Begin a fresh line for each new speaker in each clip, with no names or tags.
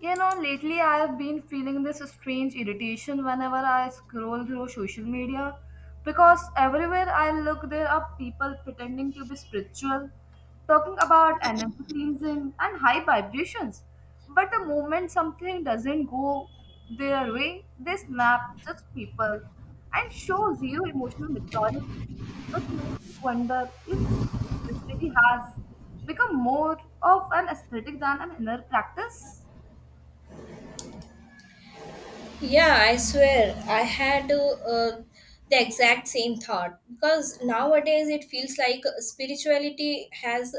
You know, lately I have been feeling this strange irritation whenever I scroll through social media because everywhere I look, there are people pretending to be spiritual, talking about energy cleansing and high vibrations. But the moment something doesn't go their way, they snap, judge people, and show zero emotional maturity, which makes me wonder if spirituality has become more of an aesthetic than an inner practice.
Yeah, I swear I had the exact same thought because nowadays it feels like spirituality has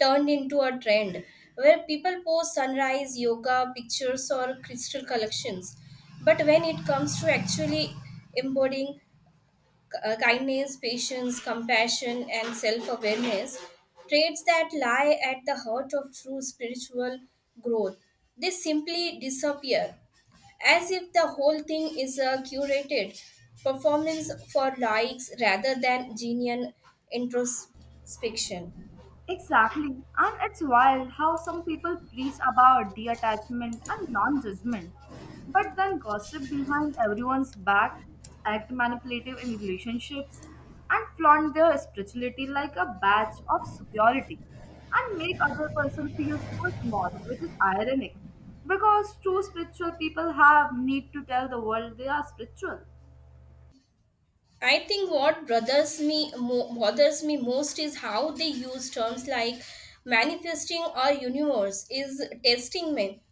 turned into a trend where people post sunrise yoga pictures or crystal collections. But when it comes to actually embodying kindness, patience, compassion, and self awareness, traits that lie at the heart of true spiritual growth, they simply disappear as if the whole thing is a curated performance for likes rather than genuine introspection.
Exactly. And it's wild how some people preach about detachment and non judgment, but then gossip behind everyone's back, act manipulative in relationships, and flaunt their spirituality like a badge of superiority and make other person feel so small, which is ironic because true spiritual people have need to tell the world they are spiritual.
I think what bothers me most is how they use terms like manifesting or universe is testing me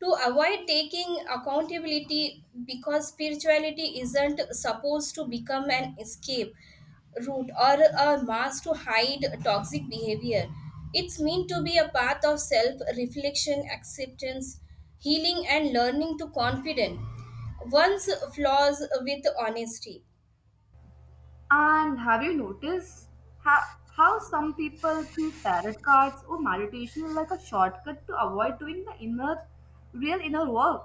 to avoid taking accountability because spirituality isn't supposed to become an escape route or a mask to hide toxic behavior. It's meant to be a path of self reflection, acceptance, healing, and learning to confident one's flaws with honesty.
And have you noticed how some people treat tarot cards or meditation like a shortcut to avoid doing the inner, real inner work,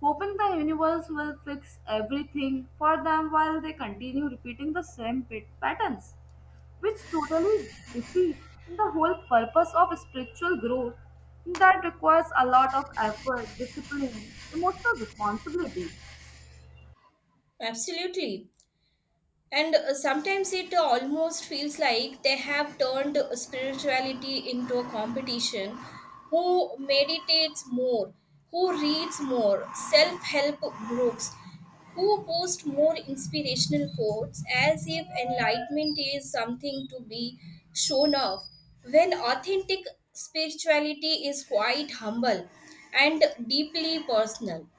hoping the universe will fix everything for them while they continue repeating the same patterns, which totally defeats the whole purpose of spiritual growth that requires a lot of effort, discipline, emotional responsibility.
Absolutely. And sometimes it almost feels like they have turned spirituality into a competition. Who meditates more? Who reads more? Self help groups? Who post more inspirational quotes as if enlightenment is something to be shown off? When authentic spirituality is quite humble and deeply personal.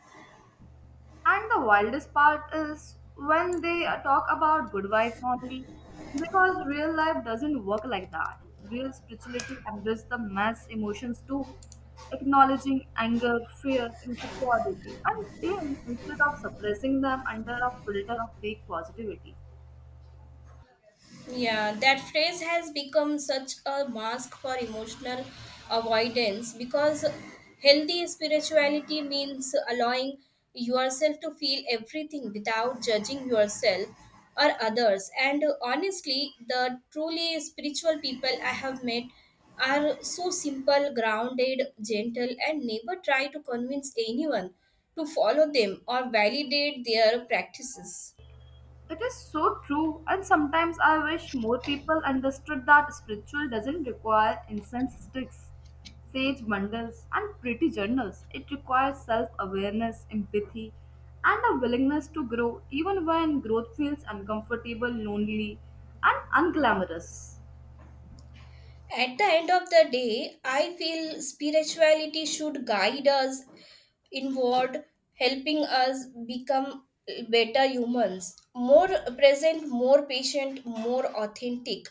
And the wildest part is when they talk about good vibes only, because real life doesn't work like that. Real spirituality embraces the mass emotions too, acknowledging anger, fear, insecurity, and pain instead of suppressing them under a filter of fake positivity.
Yeah, that phrase has become such a mask for emotional avoidance because healthy spirituality means allowing yourself to feel everything without judging yourself or others. And honestly, the truly spiritual people I have met are so simple, grounded, gentle, and never try to convince anyone to follow them or validate their practices.
It is so true, and sometimes I wish more people understood that spiritual doesn't require incense sticks, sage bundles, and pretty journals. It requires self awareness, empathy, and a willingness to grow, even when growth feels uncomfortable, lonely, and unglamorous.
At the end of the day, I feel spirituality should guide us inward, helping us become better humans, more present, more patient, more authentic,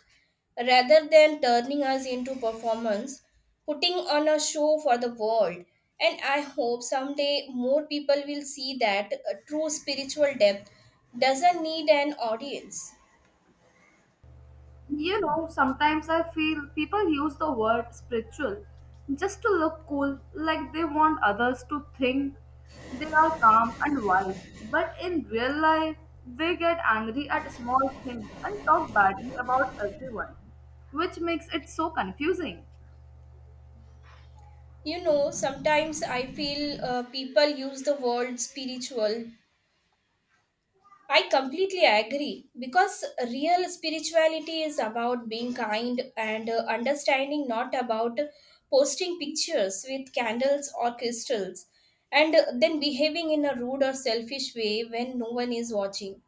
rather than turning us into performance, putting on a show for the world. And I hope someday more people will see that true spiritual depth doesn't need an audience.
You know, sometimes I feel people use the word spiritual just to look cool, like they want others to think they are calm and wise. But in real life, they get angry at small things and talk badly about everyone, which makes it so confusing.
You know, sometimes I feel people use the word spiritual. I completely agree because real spirituality is about being kind and understanding, not about posting pictures with candles or crystals and then behaving in a rude or selfish way when no one is watching.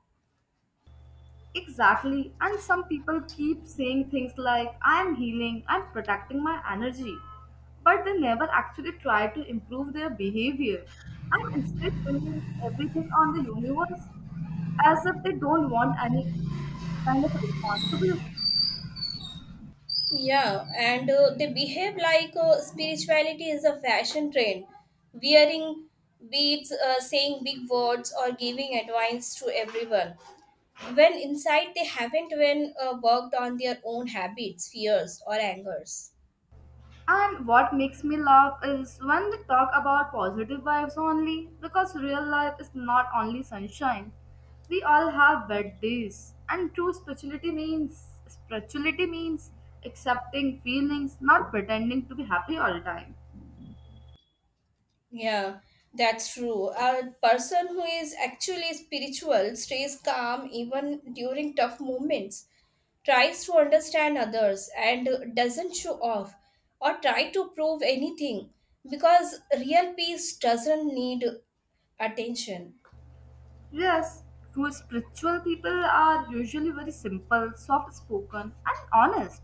Exactly. And some people keep saying things like, I am healing, I'm protecting my energy. But they never actually try to improve their behavior and instead blame everything on the universe as if they don't want any kind of responsibilities.
Yeah, and they behave like spirituality is a fashion trend, wearing beads, saying big words, or giving advice to everyone. When inside, they haven't even worked on their own habits, fears, or angers.
And what makes me laugh is when we talk about positive vibes only, because real life is not only sunshine. We all have bad days, and true spirituality means spirituality means accepting feelings, not pretending to be happy all the time.
Yeah, that's true. A person who is actually spiritual stays calm even during tough moments, tries to understand others, and doesn't show off or try to prove anything because real peace doesn't need attention.
Yes, true spiritual people are usually very simple, soft spoken, and honest.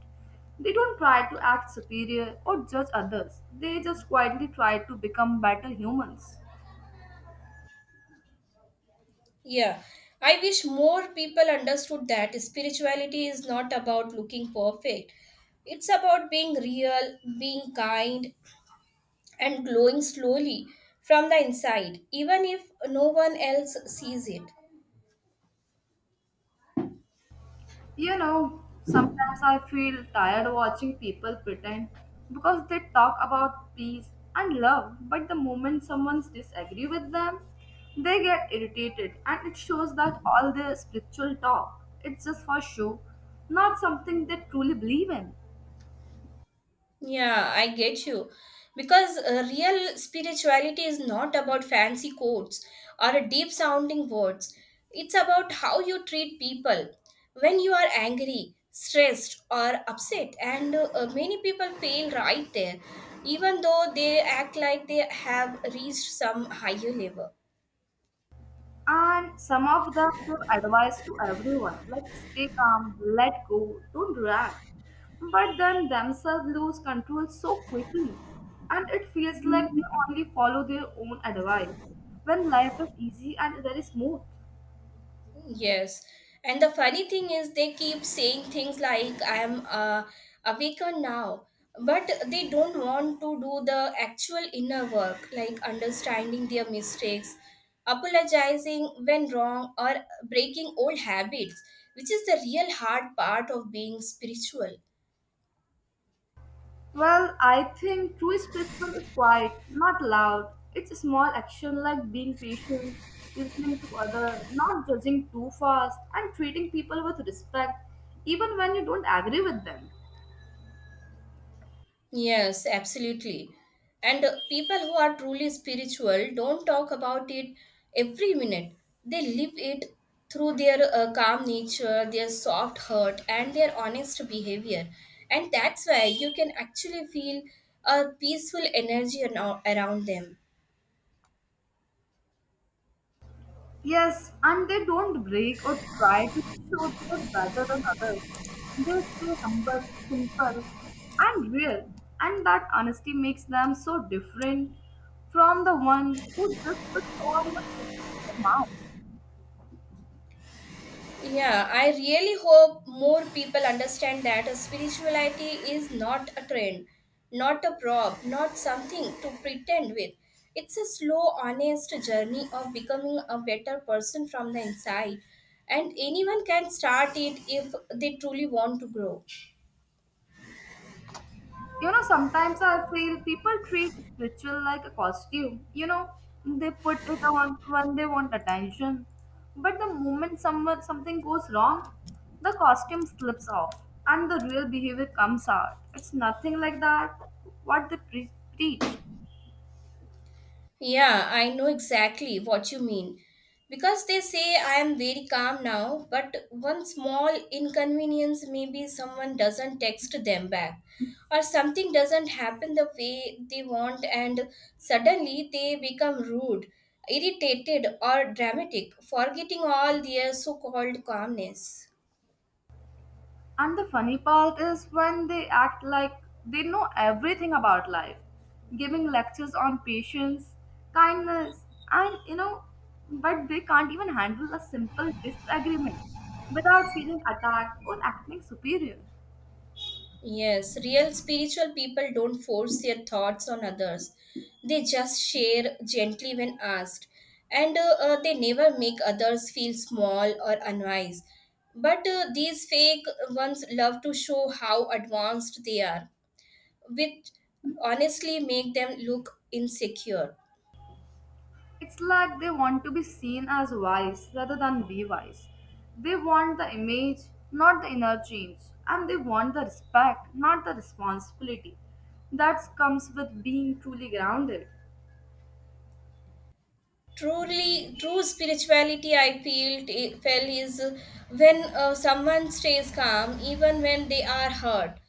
They don't try to act superior or judge others. They just quietly try to become better humans.
Yeah, I wish more people understood that spirituality is not about looking perfect, it's about being real, being kind, and glowing slowly from the inside, even if no one else sees it.
You know, sometimes I feel tired watching people pretend because they talk about peace and love, but the moment someone disagree with them, they get irritated and it shows that all their spiritual talk it's just for show, not something they truly believe in.
Yeah, I get you. Because real spirituality is not about fancy quotes or deep sounding words, it's about how you treat people when you are angry, stressed, or upset. And many people fail right there, even though they act like they have reached some higher level.
And some of them give advice to everyone, like stay calm, let go, don't react. But then themselves lose control so quickly, and it feels like they only follow their own advice when life is easy and very smooth.
Yes. And the funny thing is, they keep saying things like, I am awaker now. But they don't want to do the actual inner work, like understanding their mistakes, apologizing when wrong, or breaking old habits, which is the real hard part of being spiritual.
Well, I think true spiritual is quiet, not loud. It's a small action like being patient, listening to other, not judging too fast, and treating people with respect, even when you don't agree with them.
Yes, absolutely. And people who are truly spiritual don't talk about it every minute. They live it through their calm nature, their soft heart, and their honest behavior. And that's why you can actually feel a peaceful energy around them.
Yes, and they don't break or try to show they're better than others. They stay humble, simple, and real, and that honesty makes them so different from the one who just puts on the superficial mask.
Yeah, I really hope more people understand that a spirituality is not a trend, not a prop, not something to pretend with. It's a slow, honest journey of becoming a better person from the inside, and anyone can start it if they truly want to grow.
You know, sometimes I feel people treat spiritual like a costume. You know, they put it on when they want attention. But the moment someone something goes wrong, the costume slips off and the real behavior comes out. It's nothing like that what they preach.
Yeah, I know exactly what you mean. Because they say I am very calm now, but one small inconvenience maybe someone doesn't text them back, or something doesn't happen the way they want, and suddenly they become rude, irritated, or dramatic, forgetting all their so called calmness.
And the funny part is when they act like they know everything about life, giving lectures on patience, kindness, and you know, but they can't even handle a simple disagreement without feeling attacked or acting superior.
Yes, real spiritual people don't force their thoughts on others. They just share gently when asked. And they never make others feel small or unwise. But these fake ones love to show how advanced they are, which honestly make them look insecure.
It's like they want to be seen as wise rather than be wise. They want the image, not the inner change, and they want the respect, not the responsibility that comes with being truly grounded.
Truly, true spirituality, I feel, felt is when someone stays calm even when they are hurt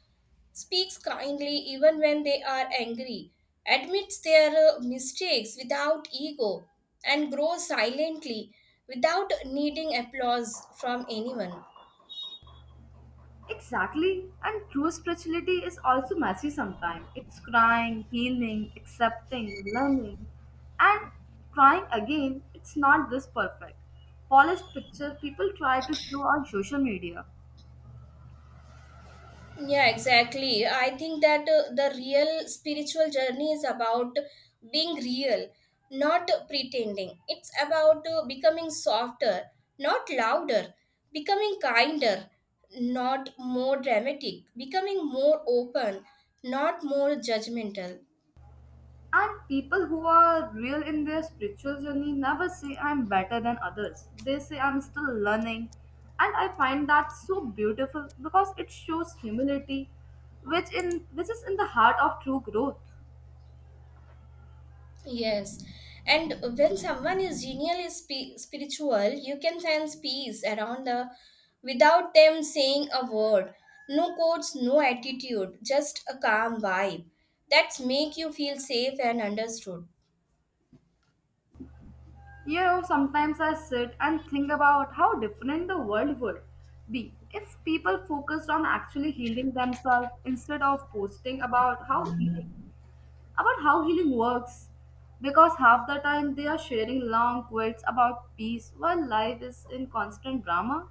speaks kindly even when they are angry, admits their mistakes without ego, and grows silently without needing applause from anyone.
Exactly. And true spirituality is also messy sometimes. It's crying, healing, accepting, learning, and trying again. It's not this perfect. Polished picture people try to show on social media.
Yeah, exactly. I think that the real spiritual journey is about being real, not pretending. It's about becoming softer, not louder, becoming kinder, not more dramatic, becoming more open, not more judgmental.
And people who are real in their spiritual journey never say I'm better than others. They say I'm still learning. And I find that so beautiful because it shows humility, which is in the heart of true growth.
Yes. And when someone is genially spiritual, you can sense peace around the without them saying a word. No quotes, no attitude, just a calm vibe. That's make you feel safe and understood.
You know, sometimes I sit and think about how different the world would be if people focused on actually healing themselves instead of posting about how healing works. Because half the time they are sharing long quotes about peace while life is in constant drama.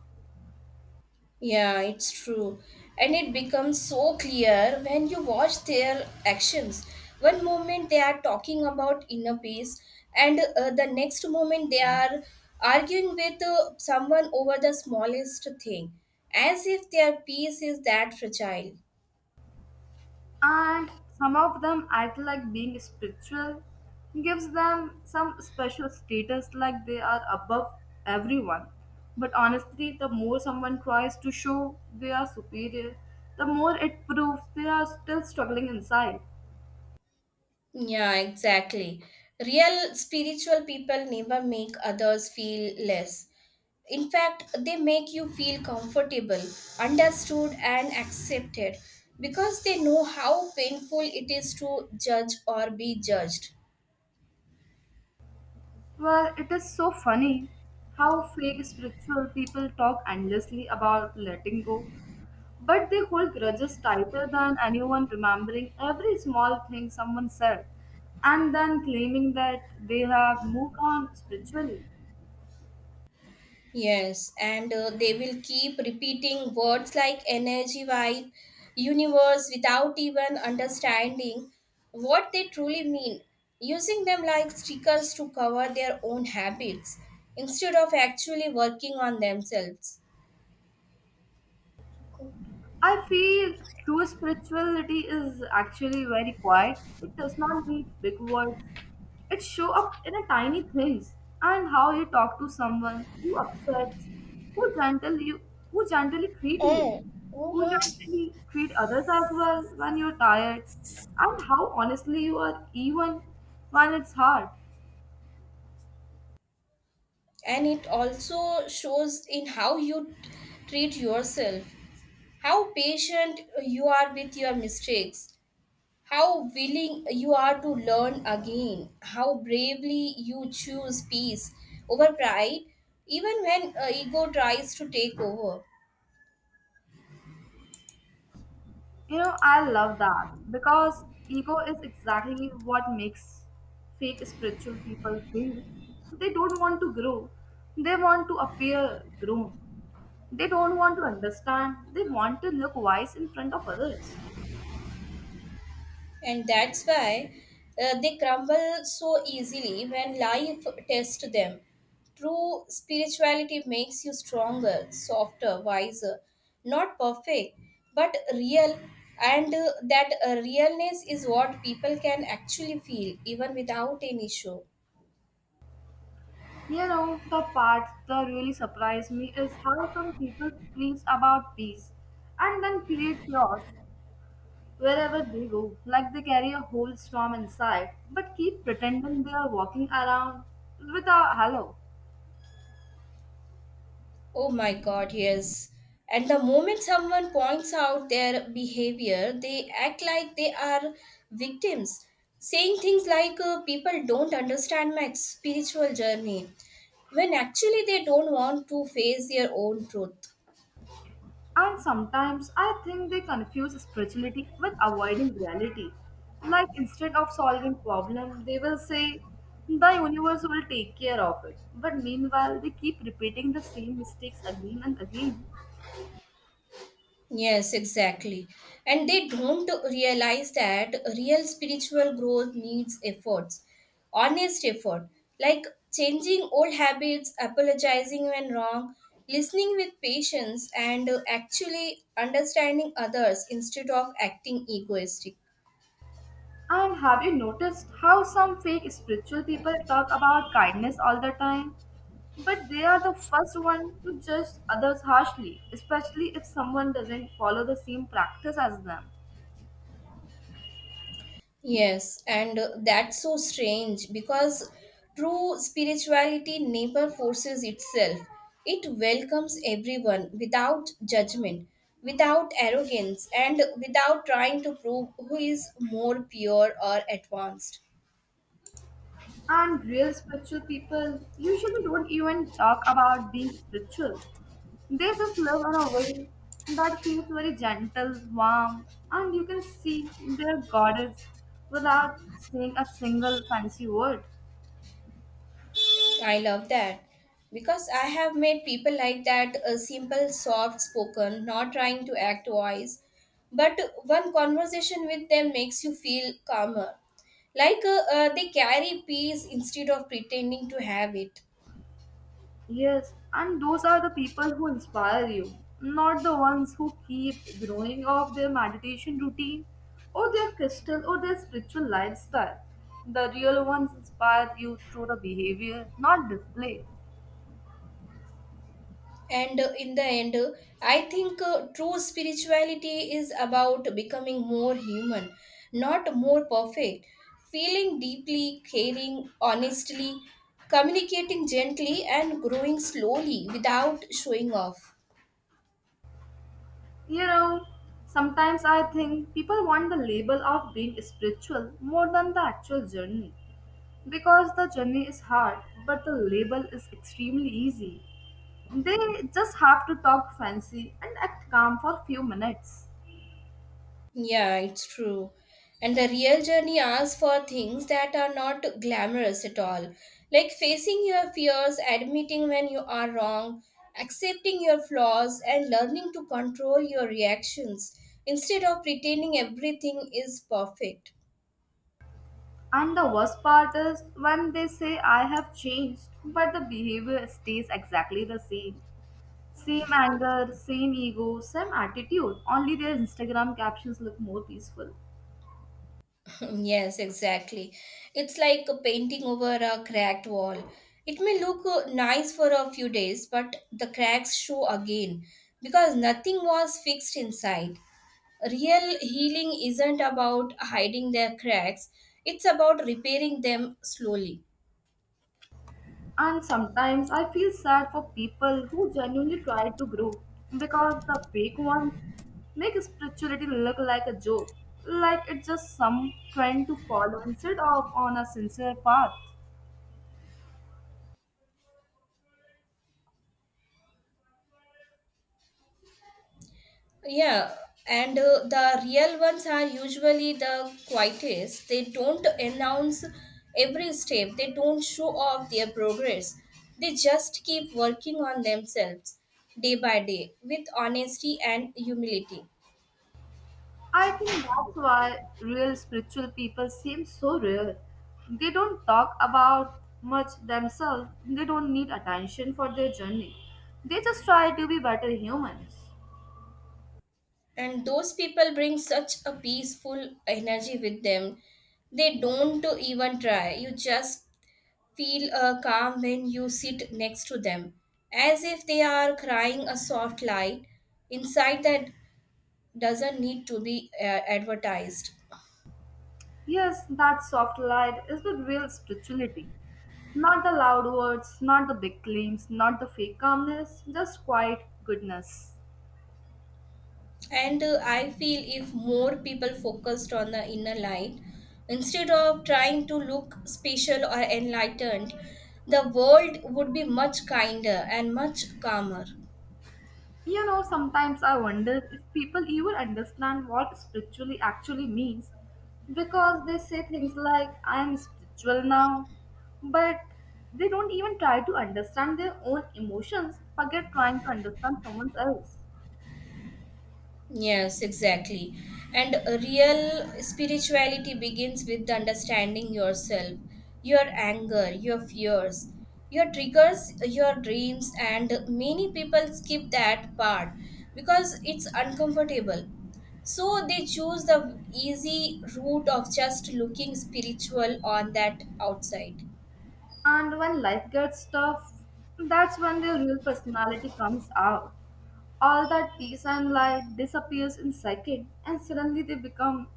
Yeah, it's true. And it becomes so clear when you watch their actions. One moment they are talking about inner peace, and the next moment they are arguing with someone over the smallest thing, as if their peace is that fragile.
And some of them act like being spiritual gives them some special status like they are above everyone, but honestly the more someone tries to show they are superior, the more it proves they are still struggling inside.
Yeah, exactly. Real spiritual people never make others feel less. In fact, they make you feel comfortable, understood, and accepted because they know how painful it is to judge or be judged.
Well, it is so funny how fake spiritual people talk endlessly about letting go, but they hold grudges tighter than anyone remembering every small thing someone said and then claiming that they have moved on spiritually.
Yes, and they will keep repeating words like energy vibe, universe without even understanding what they truly mean, using them like stickers to cover their own habits instead of actually working on themselves.
I feel true spirituality is actually very quiet. It does not need big words. It show up in a tiny things and how you talk to someone who upsets, who gentle you, who gently treat you,
Eh,
who
woman.
gently treat others as well when you're tired, and how honestly you are even when it's hard.
And it also shows in how you treat yourself, how patient you are with your mistakes, How willing you are to learn again, how bravely you choose peace over pride, even when ego tries to take over.
You know, I love that because ego is exactly what makes fake spiritual people feel. They don't want to grow, they want to appear grown. They don't want to understand, they want to look wise in front of others.
And that's why they crumble so easily when life tests them. True spirituality makes you stronger, softer, wiser, not perfect, but real. And that realness is what people can actually feel, even without any show.
You know, the part that really surprised me is how some people preach about peace and then create chaos wherever they go, like they carry a whole storm inside but keep pretending they are walking around with a halo.
Oh my God, yes. And the moment someone points out their behavior, they act like they are victims, saying things like, people don't understand my spiritual journey, when actually they don't want to face their own truth.
And sometimes I think they confuse spirituality with avoiding reality. Like instead of solving problem, they will say the universe will take care of it. But meanwhile, they keep repeating the same mistakes again and again.
Yes, exactly. And they don't realize that real spiritual growth needs efforts, honest effort, like changing old habits, apologizing when wrong, listening with patience, and actually understanding others instead of acting egoistic.
And have you noticed how some fake spiritual people talk about kindness all the time? But they are the first one to judge others harshly, especially if someone doesn't follow the same practice as them.
Yes, and that's so strange because true spirituality never forces itself. It welcomes everyone without judgment, without arrogance, and without trying to prove who is more pure or advanced.
And real spiritual people usually don't even talk about being spiritual. They just live in a way that feels very gentle, warm, and you can see their goddess without saying a single fancy word.
I love that because I have met people like that simple, soft spoken, not trying to act wise, but one conversation with them makes you feel calmer. Like they carry peace instead of pretending to have it.
Yes, and those are the people who inspire you, not the ones who keep growing off their meditation routine or their crystal or their spiritual lifestyle. The real ones inspire you through the behavior, not display.
And in the end, I think true spirituality is about becoming more human, not more perfect. Feeling deeply, caring honestly, communicating gently, and growing slowly without showing off.
You know, sometimes I think people want the label of being spiritual more than the actual journey. Because the journey is hard, but the label is extremely easy. They just have to talk fancy and act calm for few minutes.
Yeah, it's true. And the real journey asks for things that are not glamorous at all, like facing your fears, admitting when you are wrong, accepting your flaws, and learning to control your reactions instead of pretending everything is perfect.
And the worst part is when they say I have changed, but the behavior stays exactly the same. Same anger, same ego, same attitude, only their Instagram captions look more peaceful.
Yes, exactly. It's like a painting over a cracked wall. It may look nice for a few days, but the cracks show again because nothing was fixed inside. Real healing isn't about hiding their cracks, it's about repairing them slowly.
And sometimes I feel sad for people who genuinely try to grow because the fake ones make spirituality look like a joke, like it's just some trend to follow instead of on a sincere path.
Yeah, and the real ones are usually the quietest. They don't announce every step, they don't show off their progress. They just keep working on themselves day by day with honesty and humility.
I think that's why real spiritual people seem so rare. They don't talk about much themselves, they don't need attention for their journey. They just try to be better humans.
And those people bring such a peaceful energy with them. They don't even try, you just feel calm when you sit next to them, as if they are crying a soft light inside that doesn't need to be advertised.
Yes, that soft light is the real spirituality. Not the loud words, not the big claims, not the fake calmness, just quiet goodness.
And I feel if more people focused on the inner light instead of trying to look special or enlightened, the world would be much kinder and much calmer.
You know, sometimes I wonder if people even understand what spiritually actually means because they say things like, I am spiritual now, but they don't even try to understand their own emotions, forget trying to understand someone else.
Yes, exactly. And a real spirituality begins with understanding yourself, your anger, your fears, your triggers, your dreams, and many people skip that part because it's uncomfortable. So they choose the easy route of just looking spiritual on that outside.
And when life gets tough, that's when their real personality comes out. All that peace and light disappears in second, and suddenly they become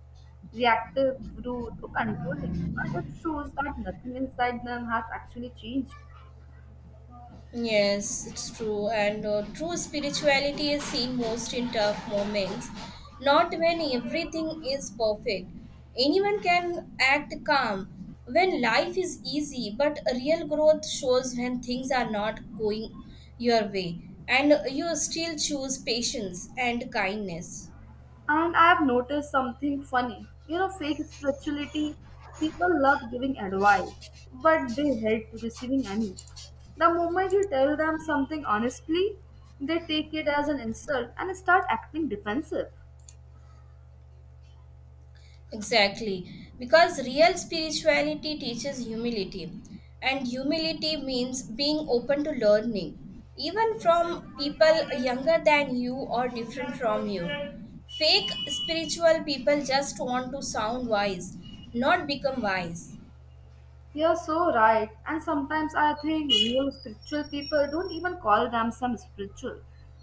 reactive, rude, or controlling. And it shows that nothing inside them has actually changed.
Yes, it's true. And true spirituality is seen most in tough moments, not when everything is perfect. Anyone can act calm when life is easy, but real growth shows when things are not going your way and you still choose patience and kindness.
And I've noticed something funny. You know, fake spirituality, people love giving advice, but they hate receiving any. The moment you tell them something honestly, they take it as an insult and start acting defensive.
Exactly, because real spirituality teaches humility, and humility means being open to learning, even from people younger than you or different from you. Fake spiritual people just want to sound wise, not become wise.
You're so right, and sometimes I think real spiritual people don't even call themselves spiritual.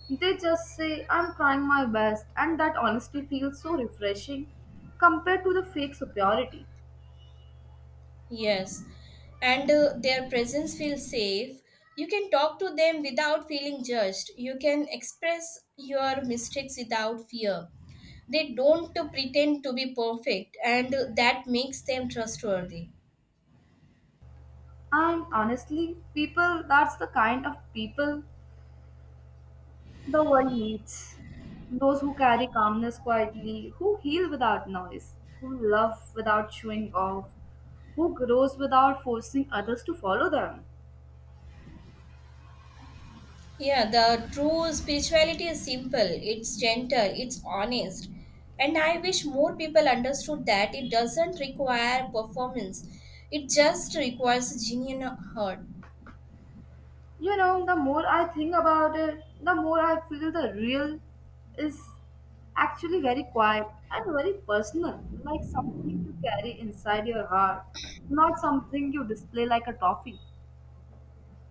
They just say, I'm trying my best, and that honesty feels so refreshing compared to the fake superiority.
Yes, and their presence feels safe. You can talk to them without feeling judged. You can express your mistakes without fear. They don't pretend to be perfect, and that makes them trustworthy.
And honestly, people, that's the kind of people the world needs. Those who carry calmness quietly, who heal without noise, who love without showing off, who grows without forcing others to follow them.
Yeah, the true spirituality is simple, it's gentle, it's honest. And I wish more people understood that it doesn't require performance, it just requires a genuine heart.
You know, the more I think about it, the more I feel the real is actually very quiet and very personal, like something you carry inside your heart, not something you display like a trophy.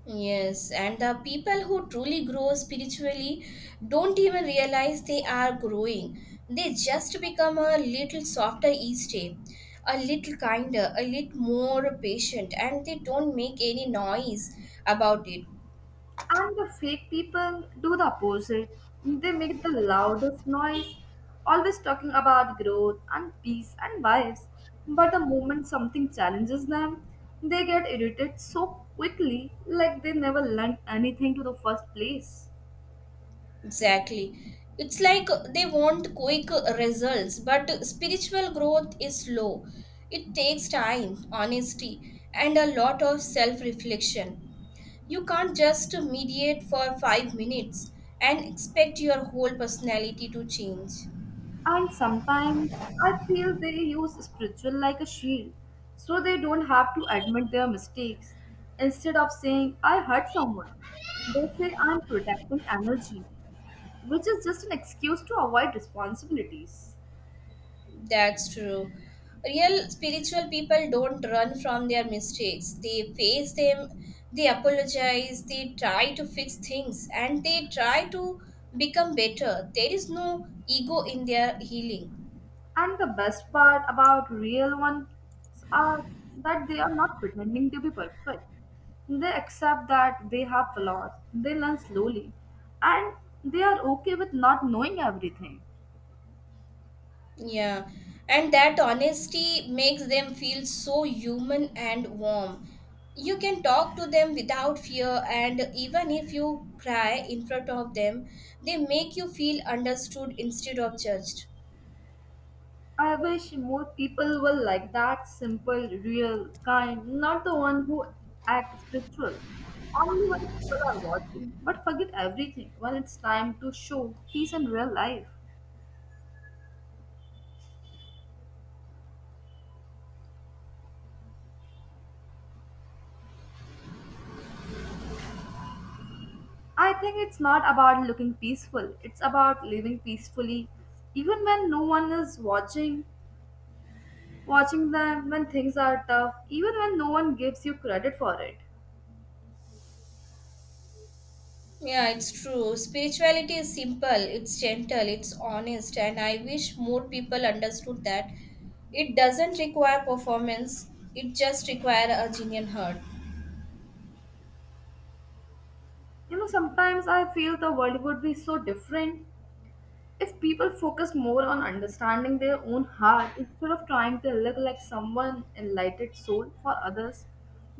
Yes, and the people who truly grow spiritually don't even realize they are growing. They just become a little softer each day, a little kinder, a little more patient, and they don't make any noise about it.
And the fake people do the opposite. They make the loudest noise, always talking about growth and peace and wives. But the moment something challenges them, they get irritated so quickly, like they never learned anything to the first place.
Exactly. It's like they want quick results, but spiritual growth is slow. It takes time, honesty, and a lot of self reflection. You can't just mediate for 5 minutes and expect your whole personality to change.
And sometimes I feel they use spiritual like a shield, so they don't have to admit their mistakes. Instead of saying, I hurt someone, they say, I'm protecting energy, which is just an excuse to avoid responsibilities.
That's true. Real spiritual people don't run from their mistakes. They face them, they apologize, they try to fix things, and they try to become better. There is no ego in their healing.
And the best part about real ones are that they are not pretending to be perfect. They accept that they have flaws, they learn slowly, and they are okay with not knowing everything.
Yeah, and that honesty makes them feel so human and warm. You can talk to them without fear, and even if you cry in front of them, they make you feel understood instead of judged.
I wish more people were like that simple, real, kind, not the one who act spiritual. Only when people are watching, but forget everything when it's time to show peace in real life. I think it's not about looking peaceful, it's about living peacefully, even when no one is watching them, when things are tough, even when no one gives you credit for it.
Yeah, it's true. Spirituality is simple, it's gentle, it's honest, and I wish more people understood that it doesn't require performance, it just requires a genuine heart.
You know, sometimes I feel the world would be so different if people focused more on understanding their own heart instead of trying to look like someone enlightened soul for others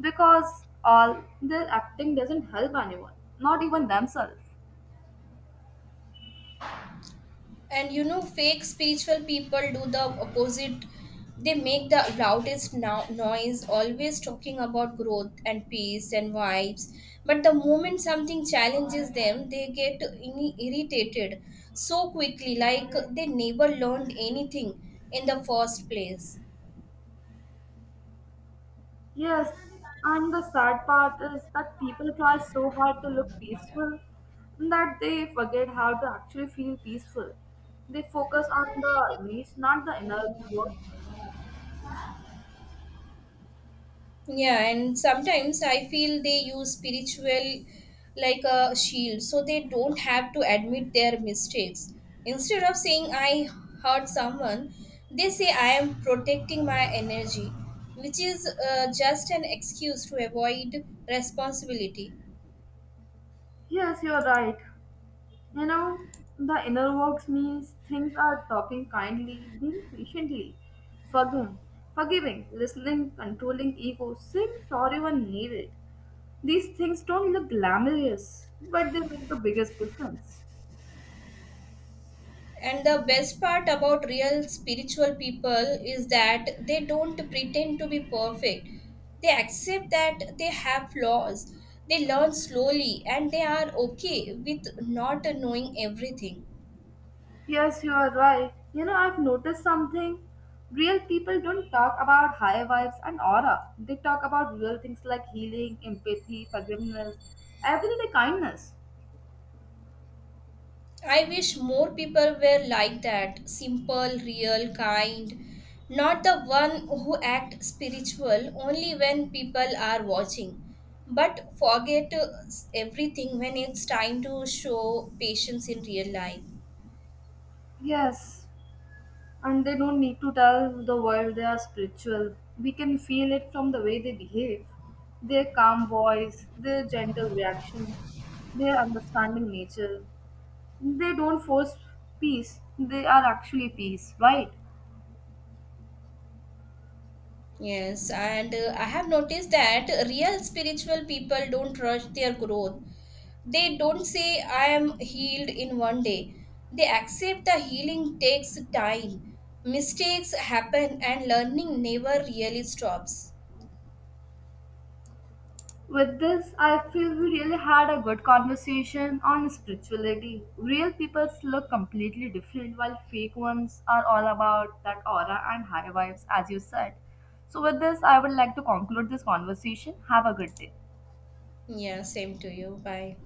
because all their acting doesn't help anyone, not even themselves.
And you know, fake spiritual people do the opposite. They make the loudest noise, always talking about growth and peace and vibes. But the moment something challenges them they get irritated so quickly, like they never learned anything in the first place.
Yes, and the sad part is that people try so hard to look peaceful that they forget how to actually feel peaceful. They focus on the needs, not the inner work.
Yeah, and sometimes I feel they use spiritual like a shield so they don't have to admit their mistakes. Instead of saying I hurt someone, they say I am protecting my energy, which is just an excuse to avoid responsibility.
Yes, you're right. You know, the inner works means things are talking kindly, being patiently, forgiving, forgiving, listening, controlling ego, saying sorry when needed. These things don't look glamorous, but they make the biggest difference.
And the best part about real spiritual people is that they don't pretend to be perfect. They accept that they have flaws. They learn slowly and they are okay with not knowing everything.
Yes, you are right. You know, I've noticed something. Real people don't talk about high vibes and aura. They talk about real things like healing, empathy, forgiveness, everyday kindness.
I wish more people were like that simple, real, kind. Not the one who act spiritual only when people are watching, but forget everything when it's time to show patience in real life.
Yes, and they don't need to tell the world they are spiritual. We can feel it from the way they behave, their calm voice, their gentle reactions, their understanding nature. They don't force peace, they are actually peace, right?
Yes, and I have noticed that real spiritual people don't rush their growth. They don't say, I am healed in one day. They accept the healing takes time. Mistakes happen, and learning never really stops.
With this, I feel we really had a good conversation on spirituality. Real people look completely different, while fake ones are all about that aura and high vibes, as you said. So, with this, I would like to conclude this conversation. Have a good day.
Yeah, same to you. Bye.